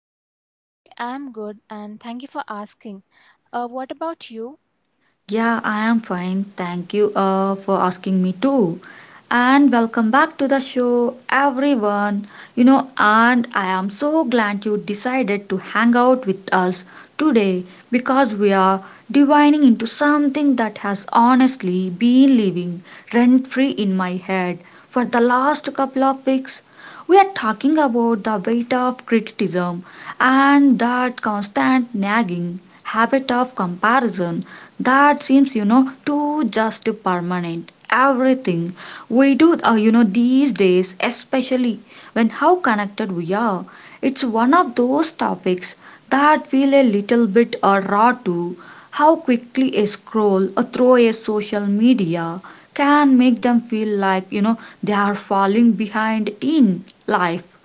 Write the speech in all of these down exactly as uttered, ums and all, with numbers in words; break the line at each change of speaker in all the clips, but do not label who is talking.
Hello, Sridevi. I'm good and thank you for asking. Uh, what about you?
Yeah, I am fine. Thank you uh, for asking me too. And welcome back to the show, everyone. You know, and I am so glad you decided to hang out with us today because we are divining into something that has honestly been living rent free in my head for the last couple of weeks. We are talking about the weight of criticism and that constant nagging habit of comparison that seems, you know, too just permanent everything we do, uh, you know, these days, especially when how connected we are. It's one of those topics that feel a little bit uh, raw to how quickly a scroll or through a social media can make them feel like, you know, they are falling behind in life.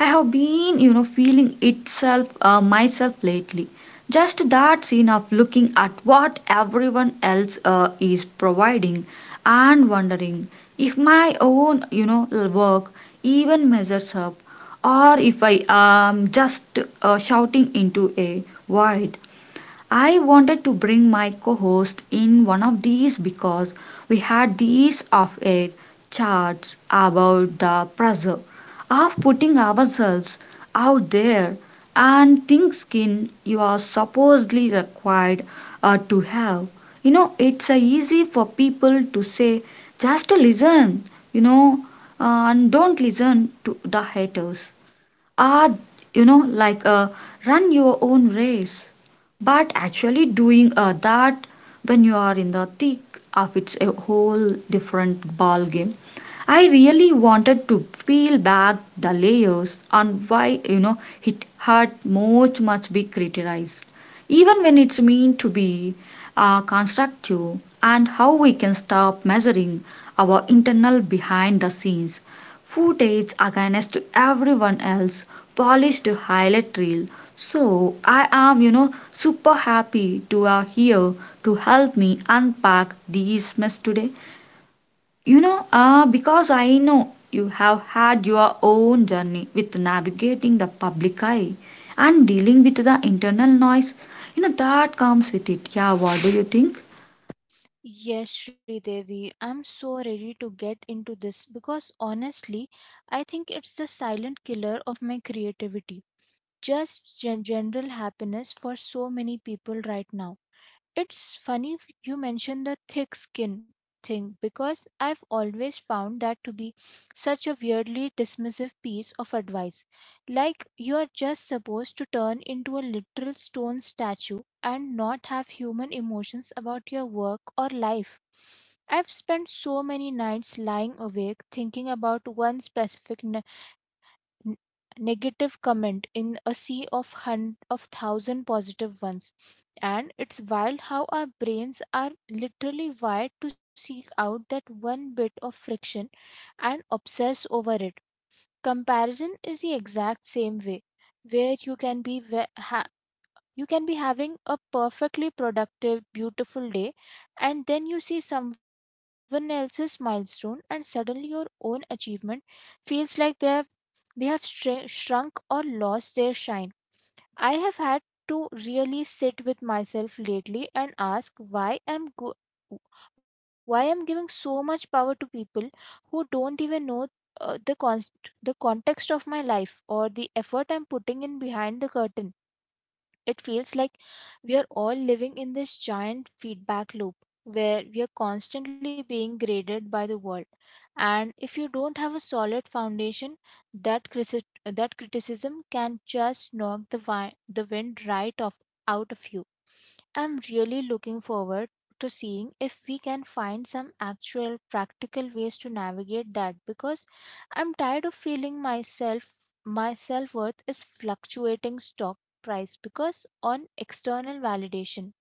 I have been, you know, feeling itself uh, myself lately. Just that scene of looking at what everyone else uh, is providing and wondering if my own, you know, work even measures up, or if I am just uh, shouting into a void. I wanted to bring my co host in one of these because we had these off air chats about the pressure of putting ourselves out there and thin skin you are supposedly required uh, to have. You know, it's uh, easy for people to say, just listen, you know, uh, and don't listen to the haters are, you know, like, uh, run your own race. But actually, doing uh, that when you are in the thick of it's a whole different ball game. I really wanted to peel back the layers on why, you know, it had much much be criticized, even when it's meant to be uh, constructive, and how we can stop measuring our internal behind the scenes footage against everyone else polished highlight reel. So I am, you know, super happy to are here to help me unpack these mess today, you know, uh, because I know you have had your own journey with navigating the public eye and dealing with the internal noise, you know, that comes with it. Yeah, what do you think?
Yes, Sridevi, I'm so ready to get into this because honestly, I think it's the silent killer of my creativity. Just gen- general happiness for so many people right now. It's funny if you mention the thick skin thing because I've always found that to be such a weirdly dismissive piece of advice. Like you're just supposed to turn into a literal stone statue and not have human emotions about your work or life. I've spent so many nights lying awake thinking about one specific n- negative comment in a sea of hun- of thousand positive ones, and it's wild how our brains are literally wired to seek out that one bit of friction and obsess over it. Comparison is the exact same way, where you can be ve- ha- you can be having a perfectly productive, beautiful day, and then you see someone else's milestone and suddenly your own achievement feels like they're they have shr- shrunk or lost their shine. I have had to really sit with myself lately and ask why I'm go- why I'm giving so much power to people who don't even know uh, the const- the context of my life or the effort I'm putting in behind the curtain. It feels like we are all living in this giant feedback loop where we are constantly being graded by the world. And if you don't have a solid foundation, that crisi- that criticism can just knock the wi- the wind right off out of you. I'm really looking forward to seeing if we can find some actual practical ways to navigate that, because I'm tired of feeling myself, my self-worth is fluctuating stock price because on external validation,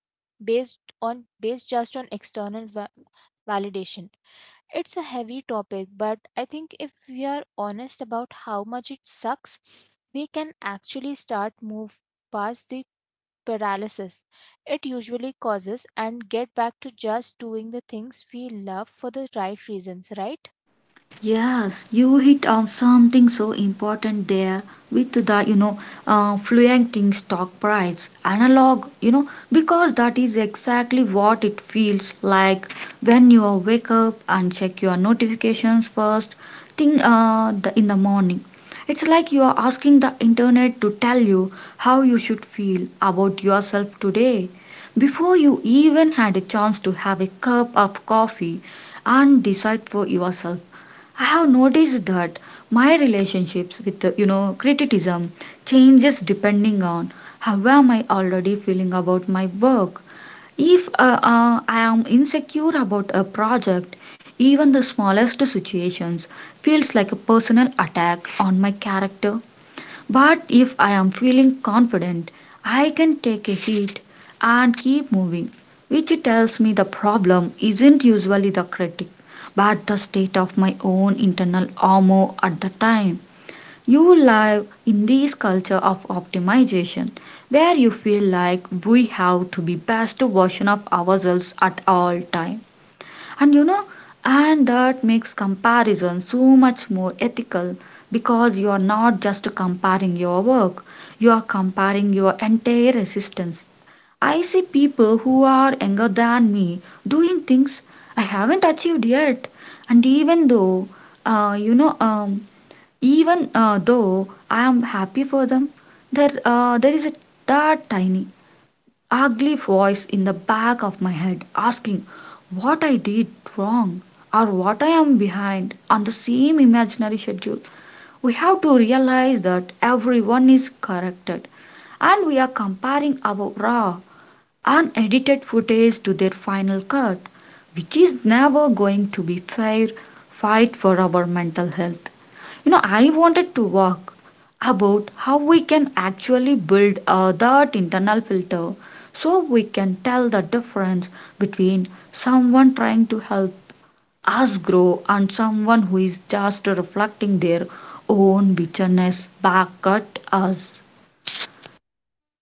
based on based just on external va- validation. It's a heavy topic, but I think if we are honest about how much it sucks, we can actually start move past the paralysis it usually causes and get back to just doing the things we love for the right reasons, right?
Yes, you hit on something so important there with the, you know, uh, fluctuating stock price analog, you know, because that is exactly what it feels like when you wake up and check your notifications first thing uh, the, in the morning. It's like you are asking the internet to tell you how you should feel about yourself today before you even had a chance to have a cup of coffee and decide for yourself. I have noticed that my relationships with, uh, you know, criticism changes depending on how am I already feeling about my work. If uh, uh, I am insecure about a project, even the smallest situations feels like a personal attack on my character, but if I am feeling confident, I can take a hit and keep moving, which tells me the problem isn't usually the critic, but the state of my own internal armor at the time. You live in this culture of optimization where you feel like we have to be best version of ourselves at all time, and, you know, and that makes comparison so much more ethical because you are not just comparing your work, you are comparing your entire existence. I see people who are younger than me doing things I haven't achieved yet, and even though, uh, you know, um, even uh, though I am happy for them, there uh, there is a that tiny ugly voice in the back of my head asking what I did wrong or what I am behind on the same imaginary schedule. We have to realize that everyone is corrected and we are comparing our raw, unedited footage to their final cut, which is never going to be fair fight for our mental health. You know, I wanted to walk about how we can actually build uh, that internal filter so we can tell the difference between someone trying to help us grow and someone who is just reflecting their own bitterness back at us.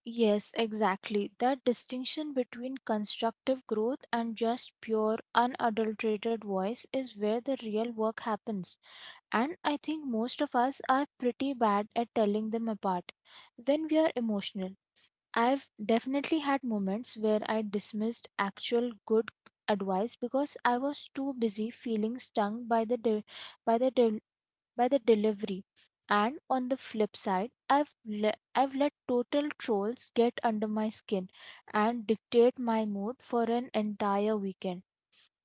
Yes, exactly. That distinction between constructive growth and just pure, unadulterated voice is where the real work happens. And I think most of us are pretty bad at telling them apart when we are emotional. I've definitely had moments where I dismissed actual good advice because I was too busy feeling stung by the de- by the del by the delivery. And on the flip side, I've le- I've let total trolls get under my skin and dictate my mood for an entire weekend.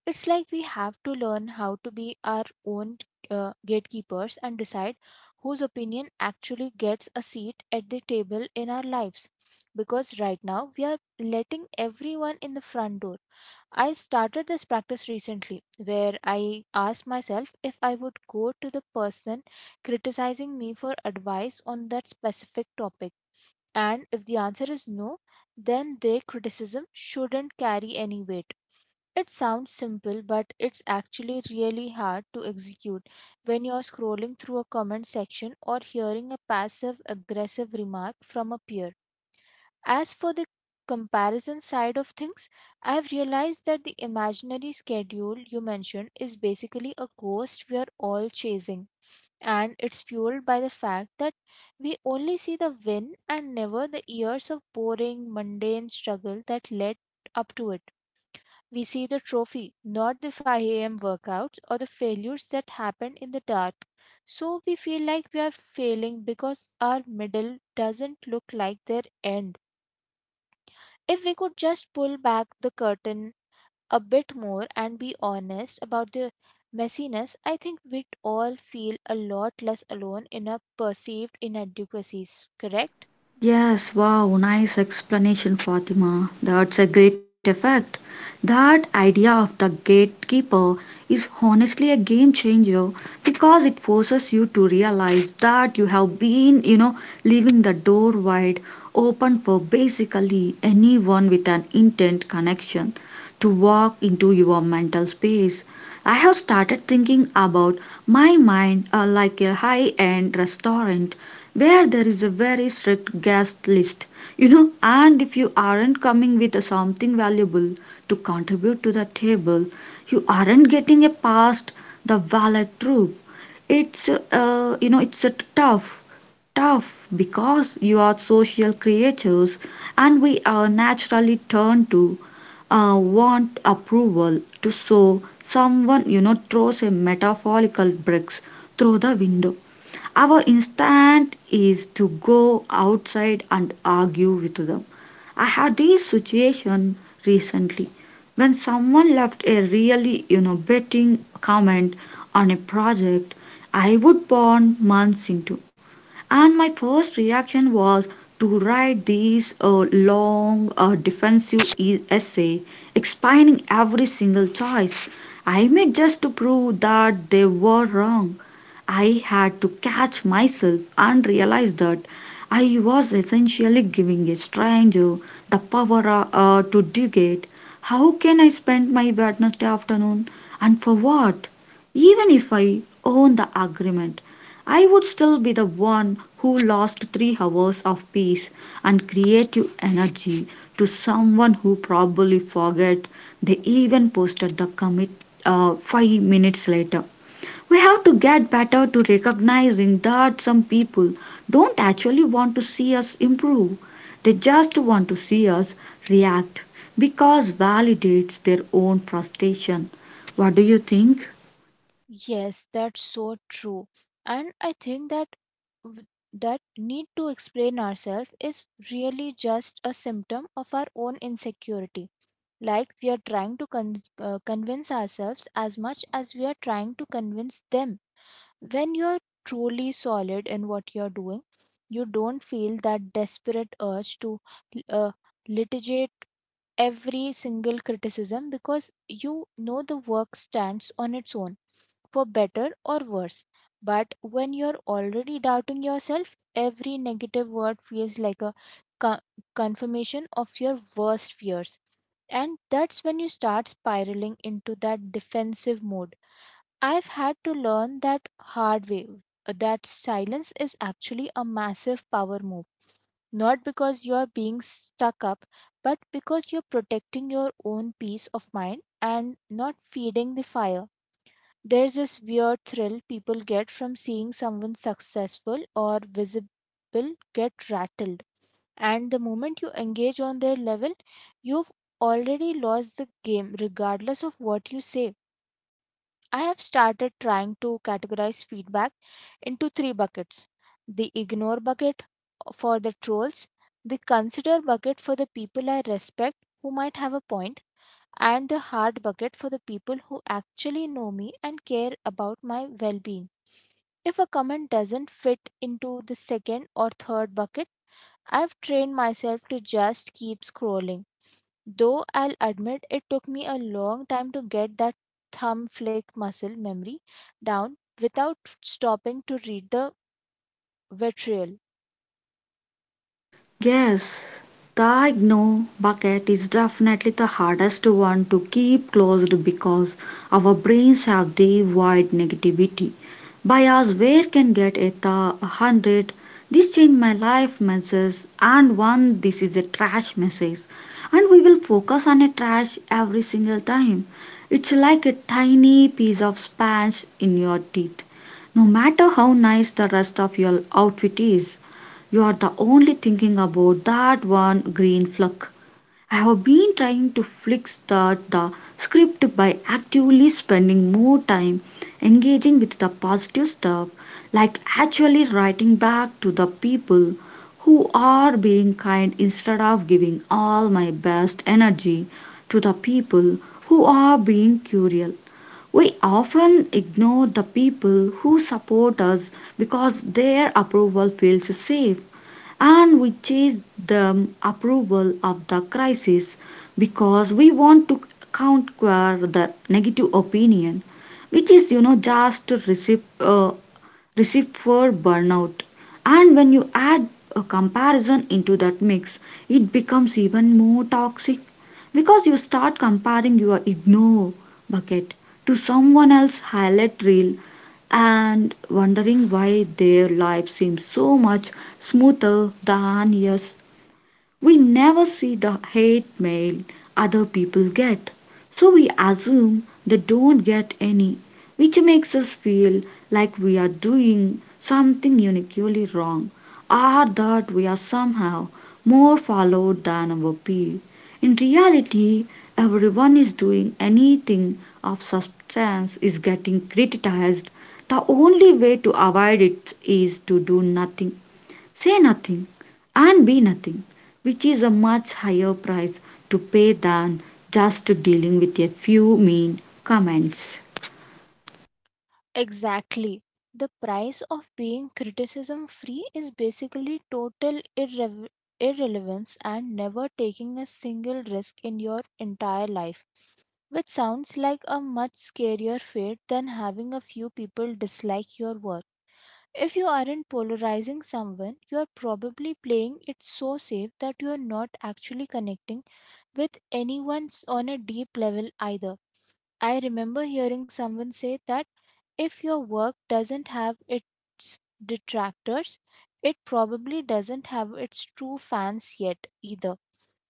It's like we have to learn how to be our own uh, gatekeepers and decide whose opinion actually gets a seat at the table in our lives. Because right now we are letting everyone in the front door. I started this practice recently where I asked myself if I would go to the person criticizing me for advice on that specific topic. And if the answer is no, then their criticism shouldn't carry any weight. It sounds simple, but it's actually really hard to execute when you're scrolling through a comment section or hearing a passive aggressive remark from a peer. As for the comparison side of things, I've realized that the imaginary schedule you mentioned is basically a ghost we're all chasing, and it's fueled by the fact that we only see the win and never the years of boring, mundane struggle that led up to it. We see the trophy, not the five a m workouts or the failures that happen in the dark. So we feel like we are failing because our middle doesn't look like their end. If we could just pull back the curtain a bit more and be honest about the messiness, I think we'd all feel a lot less alone in our perceived inadequacies, correct?
Yes, wow, nice explanation, Fatima. That's a great effect. That idea of the gatekeeper is honestly a game changer because it forces you to realize that you have been, you know, leaving the door wide open for basically anyone with an intent connection to walk into your mental space. I have started thinking about my mind uh, like a high end restaurant where there is a very strict guest list, you know, and if you aren't coming with something valuable to contribute to the table, you aren't getting a past the valet troop. It's, uh, you know, it's a tough, tough because you are social creatures and we are naturally turned to uh, want approval to so someone, you know, throws a metaphorical bricks through the window, our instinct is to go outside and argue with them. I had this situation recently when someone left a really innovating comment on a project I would burn months into. And my first reaction was to write this uh, long uh, defensive e- essay explaining every single choice I made just to prove that they were wrong. I had to catch myself and realize that I was essentially giving a stranger the power uh, uh, to dictate how can I spend my Wednesday afternoon and for what, even if I own the agreement. I would still be the one who lost three hours of peace and creative energy to someone who probably forget they even posted the commit uh, five minutes later. We have to get better to recognizing that some people don't actually want to see us improve. They just want to see us react because validates their own frustration. What do you think?
Yes, that's so true. And I think that w- that need to explain ourselves is really just a symptom of our own insecurity. Like we are trying to con- uh, convince ourselves as much as we are trying to convince them. When you're truly solid in what you're doing, you don't feel that desperate urge to uh, litigate every single criticism, because you know the work stands on its own for better or worse. But when you're already doubting yourself, every negative word feels like a co- confirmation of your worst fears. And that's when you start spiraling into that defensive mode. I've had to learn that hard way uh, that silence is actually a massive power move. Not because you're being stuck up, but because you're protecting your own peace of mind and not feeding the fire. There's this weird thrill people get from seeing someone successful or visible get rattled. And the moment you engage on their level, you've already lost the game, regardless of what you say. I have started trying to categorize feedback into three buckets: the ignore bucket for the trolls, the consider bucket for the people I respect who might have a point, and the hard bucket for the people who actually know me and care about my well being. If a comment doesn't fit into the second or third bucket, I've trained myself to just keep scrolling. Though I'll admit it took me a long time to get that thumb flick muscle memory down without stopping to read the vitriol.
Yes, the ignore bucket is definitely the hardest one to keep closed because our brains have the wide negativity bias where can get at the one hundred this changed my life message and one this is a trash message, and we will focus on a trash every single time. It's like a tiny piece of sponge in your teeth. No matter how nice the rest of your outfit is, you're the only thinking about that one green flag. I have been trying to fix that the script by actively spending more time engaging with the positive stuff, like actually writing back to the people who are being kind instead of giving all my best energy to the people who are being cruel. We often ignore the people who support us because their approval feels safe, and we chase the approval of the crisis because we want to counter the negative opinion, which is, you know, just to receive uh, receive for burnout. And when you add a comparison into that mix, it becomes even more toxic because you start comparing your ignore bucket to someone else's highlight reel and wondering why their life seems so much smoother than yours. We never see the hate mail other people get, so we assume they don't get any, which makes us feel like we are doing something uniquely wrong or that we are somehow more followed than our peer. In reality, everyone is doing anything of substance is getting criticized. The only way to avoid it is to do nothing, say nothing, and be nothing, which is a much higher price to pay than just dealing with a few mean comments.
Exactly. The price of being criticism free is basically total irrev irrelevance and never taking a single risk in your entire life, which sounds like a much scarier fate than having a few people dislike your work. If you aren't polarizing someone, you're probably playing it so safe that you're not actually connecting with anyone s- on a deep level either. I remember hearing someone say that if your work doesn't have its detractors, it probably doesn't have its true fans yet either,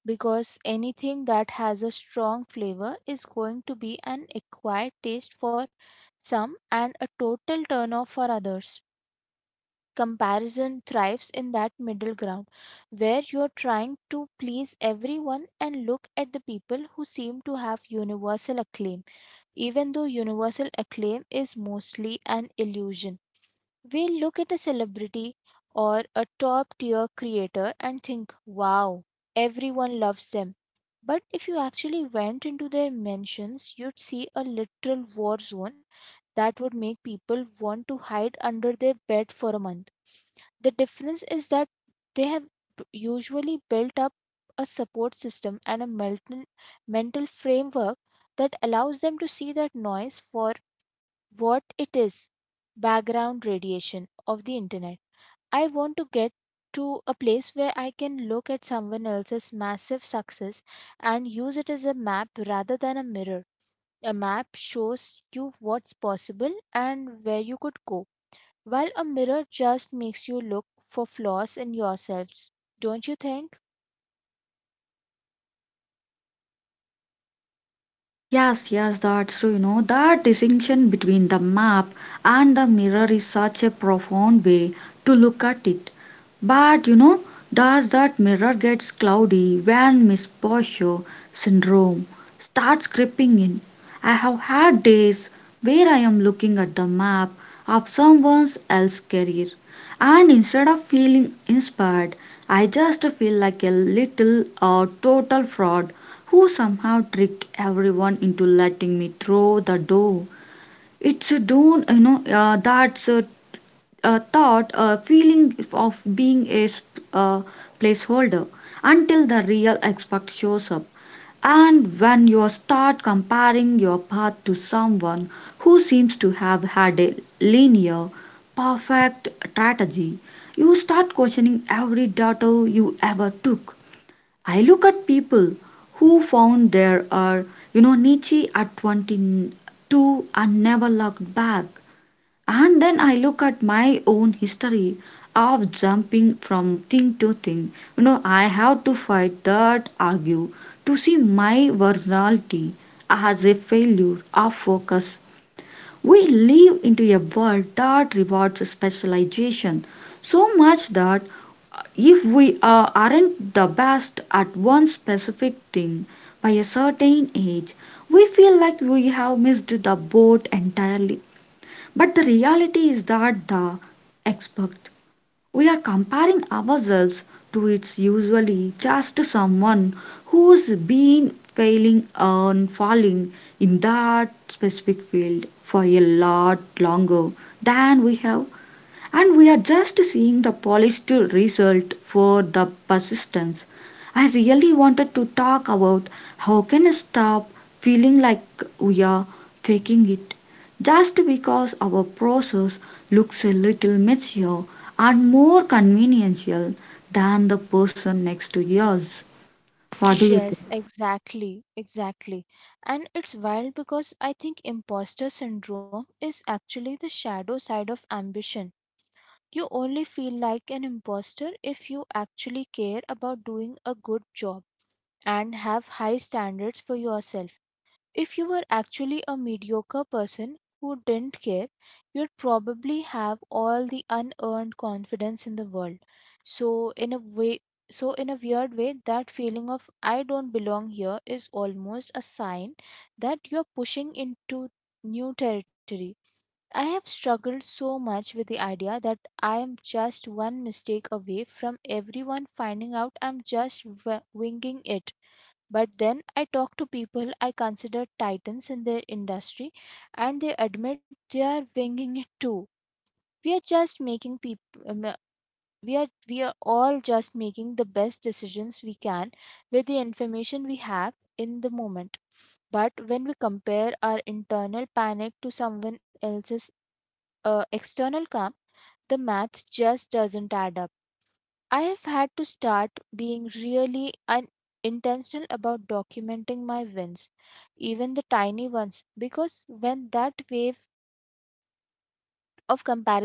because anything that has a strong flavor is going to be an acquired taste for some and a total turnoff for others. Comparison thrives in that middle ground where you're trying to please everyone, and look at the people who seem to have universal acclaim, even though universal acclaim is mostly an illusion. We look at a celebrity or a top tier creator and think, wow, everyone loves them. But if you actually went into their mansions, you'd see a literal war zone that would make people want to hide under their bed for a month. The difference is that they have b- usually built up a support system and a mental, mental framework that allows them to see that noise for what it is: background radiation of the internet. I want to get to a place where I can look at someone else's massive success and use it as a map rather than a mirror. A map shows you what's possible and where you could go, while a mirror just makes you look for flaws in yourselves. Don't you think?
Yes, yes, that's true. You know, that distinction between the map and the mirror is such a profound way to look at it. But you know, does that mirror gets cloudy when misposture syndrome starts creeping in? I have had days where I am looking at the map of someone else's career, and instead of feeling inspired, I just feel like a little uh, total fraud who somehow tricked everyone into letting me through the door. It's a don't, you know, uh, that's a, a thought, a feeling of being a sp- uh, placeholder until the real expert shows up. And when you start comparing your path to someone who seems to have had a linear, perfect strategy, you start questioning every detour you ever took. I look at people who found there are, you know, Nietzsche at twenty-two and never looked back. And then I look at my own history of jumping from thing to thing. You know, I have to fight that argue to see my originality as a failure of focus. We live into a world that rewards specialization so much that if we uh, aren't the best at one specific thing by a certain age, we feel like we have missed the boat entirely. But the reality is that the expert we are comparing ourselves to, it's usually just someone who's been failing and falling in that specific field for a lot longer than we have, and we are just seeing the polished result for the persistence. I really wanted to talk about how can I stop feeling like we are faking it just because our process looks a little mature and more conventional than the person next to yours. What do you think?
Yes, exactly, exactly. And it's wild because I think imposter syndrome is actually the shadow side of ambition. You only feel like an imposter if you actually care about doing a good job and have high standards for yourself. If you were actually a mediocre person who didn't care, you'd probably have all the unearned confidence in the world. So in a way so in a weird way, that feeling of I don't belong here is almost a sign that you're pushing into new territory. I have struggled so much with the idea that I am just one mistake away from everyone finding out I'm just w- winging it, but then I talk to people I consider titans in their industry, and they admit they are winging it too. We are just making people. we are we are all just making the best decisions we can with the information we have in the moment. But when we compare our internal panic to someone else's uh, external calm, the math just doesn't add up. I have had to start being really un- intentional about documenting my wins, even the tiny ones, because when that wave of comparison hits,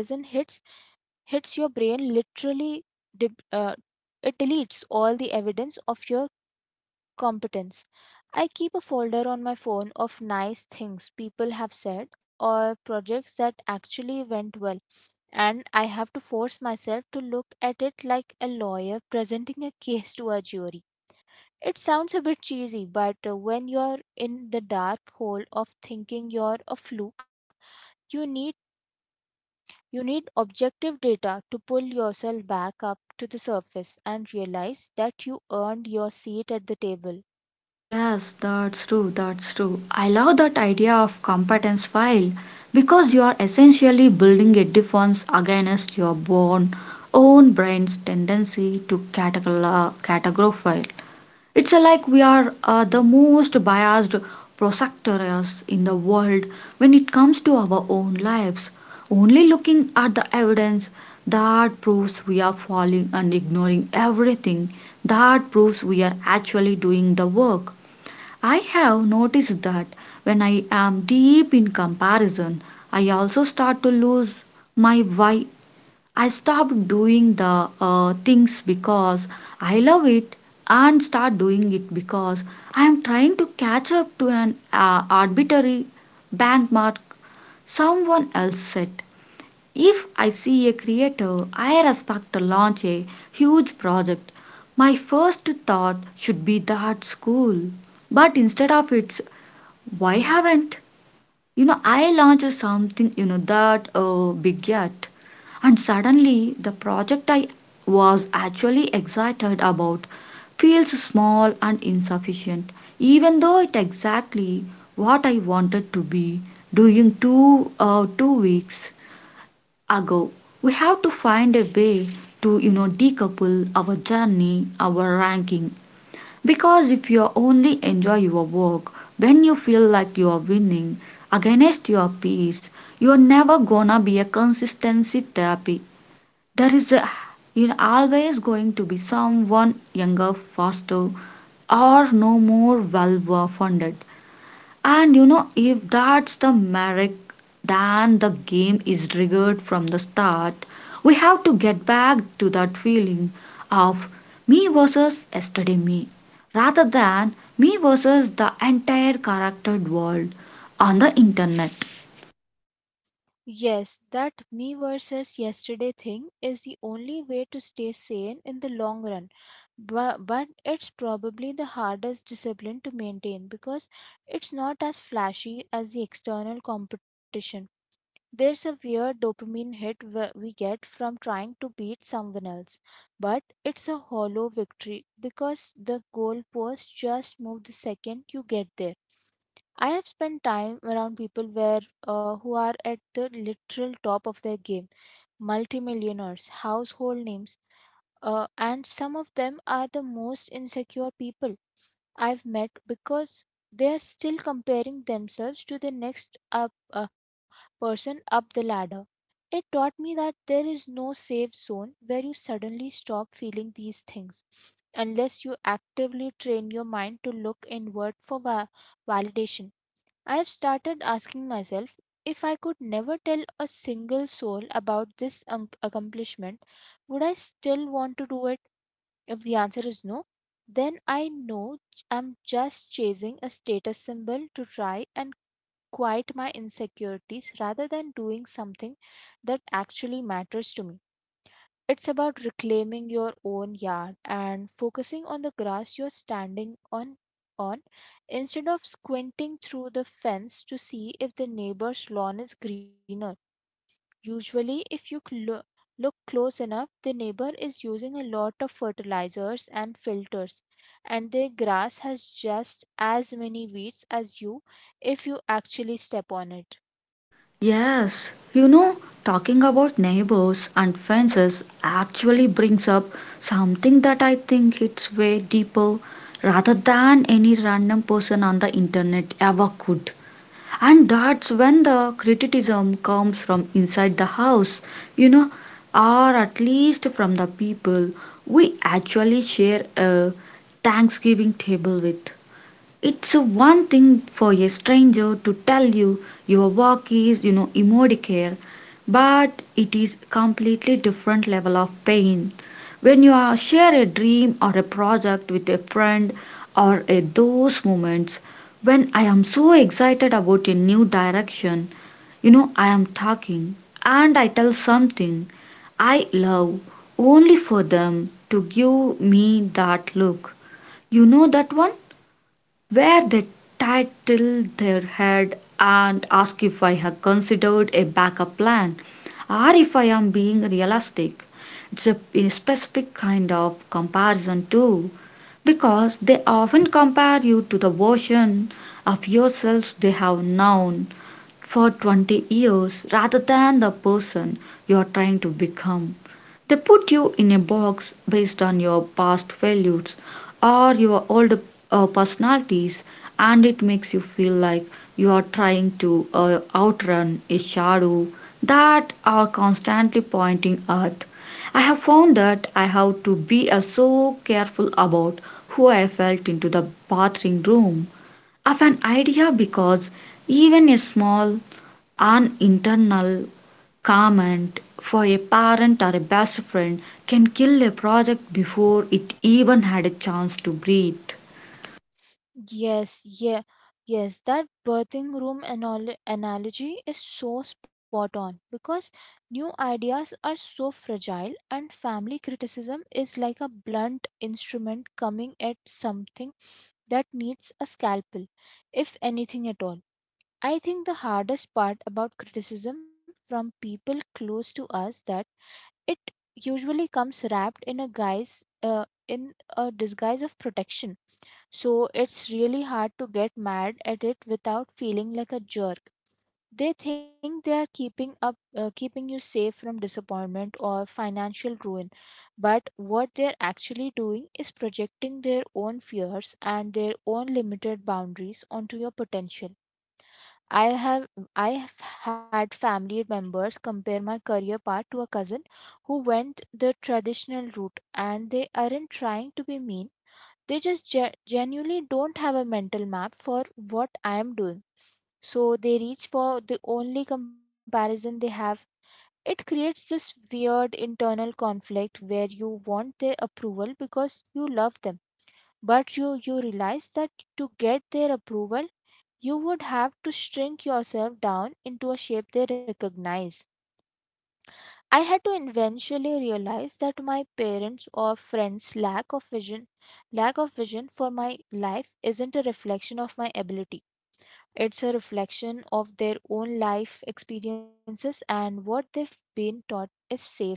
hits your brain literally, deb- uh, it deletes all the evidence of your competence. I keep a folder on my phone of nice things people have said or projects that actually went well, and I have to force myself to look at it like a lawyer presenting a case to a jury. It sounds a bit cheesy, but uh, when you're in the dark hole of thinking you're a fluke, you need you need objective data to pull yourself back up to the surface and realize that you earned your seat at the table.
Yes, that's true, that's true. I love that idea of competence file because you are essentially building a defense against your born, own brain's tendency to categorize, categorize. It's like we are uh, the most biased prosecutors in the world when it comes to our own lives, only looking at the evidence that proves we are falling and ignoring everything that proves we are actually doing the work. I have noticed that when I am deep in comparison, I also start to lose my why. I stop doing the uh, things because I love it and start doing it because I am trying to catch up to an uh, arbitrary benchmark someone else set. If I see a creator I respect to launch a huge project, my first thought should be that's cool. But instead of it's why haven't? You know, I launched something, you know, that uh, big yet. And suddenly, the project I was actually excited about feels small and insufficient, even though it exactly what I wanted to be doing two, uh, two weeks ago. We have to find a way to, you know, decouple our journey, our ranking, because if you only enjoy your work when you feel like you are winning against your peers, you are never gonna be a consistency therapy. There is a, you're always going to be someone younger, faster, or no more well funded, and you know, if that's the merit, then the game is rigged from the start. We have to get back to that feeling of me versus yesterday me, rather than me versus the entire charactered world on the internet.
Yes, that me versus yesterday thing is the only way to stay sane in the long run. But, but it's probably the hardest discipline to maintain because it's not as flashy as the external competition. There's a weird dopamine hit wh- we get from trying to beat someone else, but it's a hollow victory because the goalposts just move the second you get there. I have spent time around people where uh, who are at the literal top of their game, multimillionaires, household names, uh, and some of them are the most insecure people I've met because they are still comparing themselves to the next up uh, person up the ladder. It taught me that there is no safe zone where you suddenly stop feeling these things unless you actively train your mind to look inward for va- validation. I have started asking myself if I could never tell a single soul about this un- accomplishment, would I still want to do it? If the answer is no, then I know j- I'm just chasing a status symbol to try and quiet my insecurities rather than doing something that actually matters to me. It's about reclaiming your own yard and focusing on the grass you're standing on on instead of squinting through the fence to see if the neighbor's lawn is greener. Usually, if you cl- look close enough, the neighbor is using a lot of fertilizers and filters, and their grass has just as many weeds as you if you actually step on it.
Yes, you know, talking about neighbors and fences actually brings up something that I think hits way deeper rather than any random person on the internet ever could. And that's when the criticism comes from inside the house, you know, or at least from the people we actually share a thanksgiving table with. It's one thing for a stranger to tell you your work is, you know, Immodicare, but it is completely different level of pain. When you are share a dream or a project with a friend or a those moments when I am so excited about a new direction, you know, I am talking and I tell something I love only for them to give me that look. You know that one? Where they titled their head and asked if I had considered a backup plan or if I am being realistic. It's a, a specific kind of comparison too, because they often compare you to the version of yourselves they have known for twenty years rather than the person you are trying to become. They put you in a box based on your past failures or your old uh, personalities, and it makes you feel like you are trying to uh, outrun a shadow that are constantly pointing at. I have found that I have to be uh, so careful about who I felt into the bathroom room of an idea because even a small an internal comment for a parent or a best friend can kill a project before it even had a chance to breathe.
Yes, yeah, yes, that birthing room anal- analogy is so spot on because new ideas are so fragile, and family criticism is like a blunt instrument coming at something that needs a scalpel, if anything at all. I think the hardest part about criticism from people close to us, that it usually comes wrapped in a guise uh, in a disguise of protection, so it's really hard to get mad at it without feeling like a jerk. They think they are keeping up uh, keeping you safe from disappointment or financial ruin, but what they're actually doing is projecting their own fears and their own limited boundaries onto your potential. I have I have had family members compare my career path to a cousin who went the traditional route, and they aren't trying to be mean. They just ge- genuinely don't have a mental map for what I am doing. So they reach for the only comparison they have. It creates this weird internal conflict where you want their approval because you love them, but you, you realize that to get their approval, you would have to shrink yourself down into a shape they recognize. I had to eventually realize that my parents' or friends' lack of vision, lack of vision for my life isn't a reflection of my ability. It's a reflection of their own life experiences and what they've been taught is safe.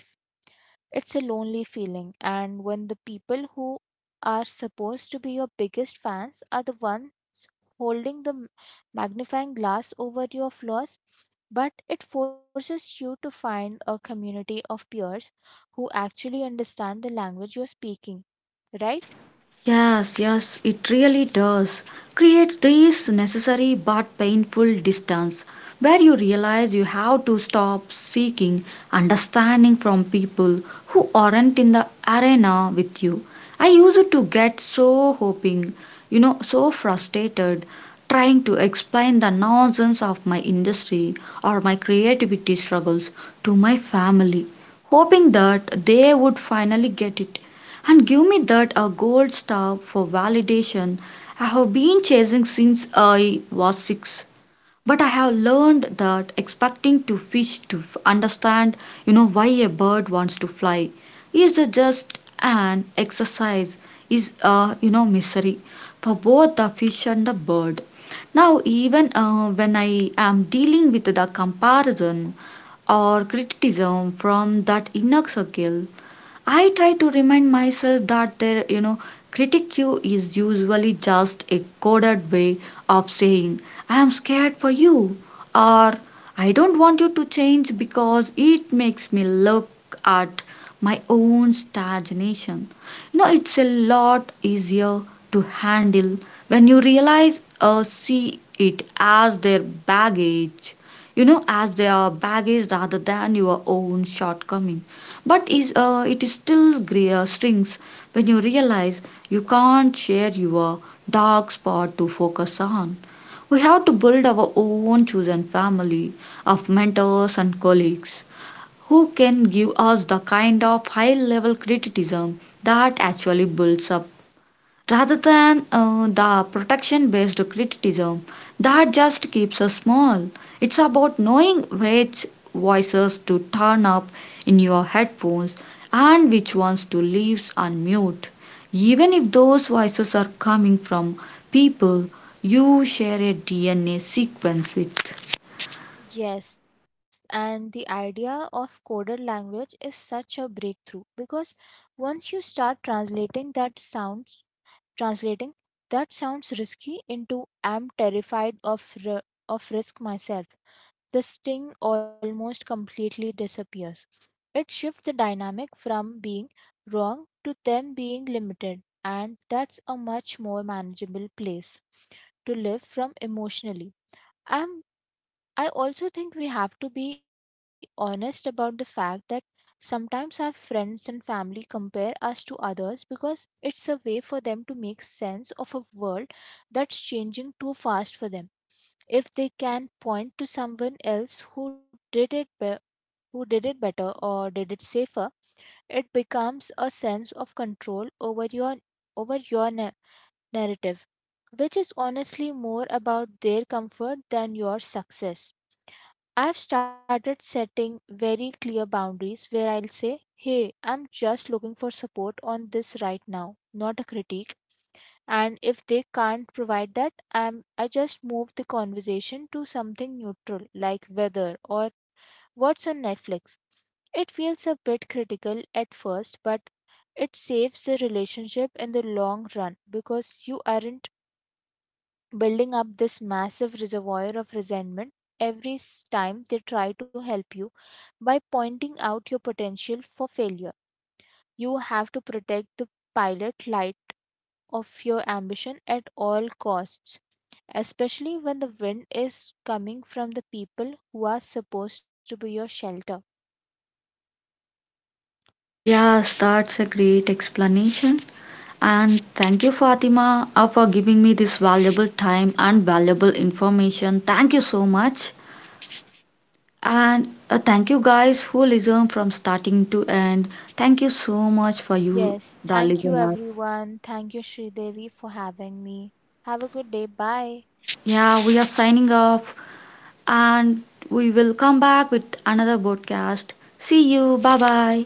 It's a lonely feeling, and when the people who are supposed to be your biggest fans are the ones holding the m- magnifying glass over your flaws, but it forces you to find a community of peers who actually understand the language you're speaking, right?
Yes, yes, it really does. Creates this necessary but painful distance where you realize you have to stop seeking understanding from people who aren't in the arena with you. I used to get so hoping, you know, so frustrated trying to explain the nonsense of my industry or my creativity struggles to my family, hoping that they would finally get it. And give me that a gold star for validation I have been chasing since I was six. But I have learned that expecting to fish to f- understand, you know, why a bird wants to fly is a just an exercise, is a, you know, misery for both the fish and the bird. Now, even uh, when I am dealing with the comparison or criticism from that inner circle, I try to remind myself that their, you know, critique is usually just a coded way of saying, I am scared for you, or I don't want you to change because it makes me look at my own stagnation. You know, it's a lot easier to handle when you realize or see it as their baggage, you know, as their baggage rather than your own shortcoming. But is uh, it is still gre- uh, strings when you realize you can't share your dark spot to focus on. We have to build our own chosen family of mentors and colleagues who can give us the kind of high level criticism that actually builds up rather than uh, the protection based criticism that just keeps us small. It's about knowing which voices to turn up in your headphones and which ones to leave unmute. Even if those voices are coming from people you share a D N A sequence with.
Yes, and the idea of coded language is such a breakthrough because once you start translating that sound translating that sounds risky into am terrified of, ri- of risk myself. The sting almost completely disappears. It shifts the dynamic from being wrong to them being limited, and that's a much more manageable place to live from emotionally. I'm I also think we have to be honest about the fact that sometimes our friends and family compare us to others because it's a way for them to make sense of a world that's changing too fast for them. If they can point to someone else who did it be- who did it better or did it safer, it becomes a sense of control over your over your na- narrative, which is honestly more about their comfort than your success. I've started setting very clear boundaries where I'll say, hey, I'm just looking for support on this right now, not a critique. And if they can't provide that, I'm, I just move the conversation to something neutral like weather or what's on Netflix. It feels a bit critical at first, but it saves the relationship in the long run because you aren't building up this massive reservoir of resentment every s- time they try to help you by pointing out your potential for failure. You have to protect the pilot light of your ambition at all costs, especially when the wind is coming from the people who are supposed to be your shelter.
Yes, that's a great explanation. And thank you, Fatima, uh, for giving me this valuable time and valuable information. Thank you so much. And uh, thank you guys who listen from starting to end. Thank you so much for you,
Yes,
the
thank you
listeners.
everyone. Thank you, Sridevi, for having me. Have a good day. Bye.
Yeah, we are signing off and we will come back with another broadcast. See you. Bye bye.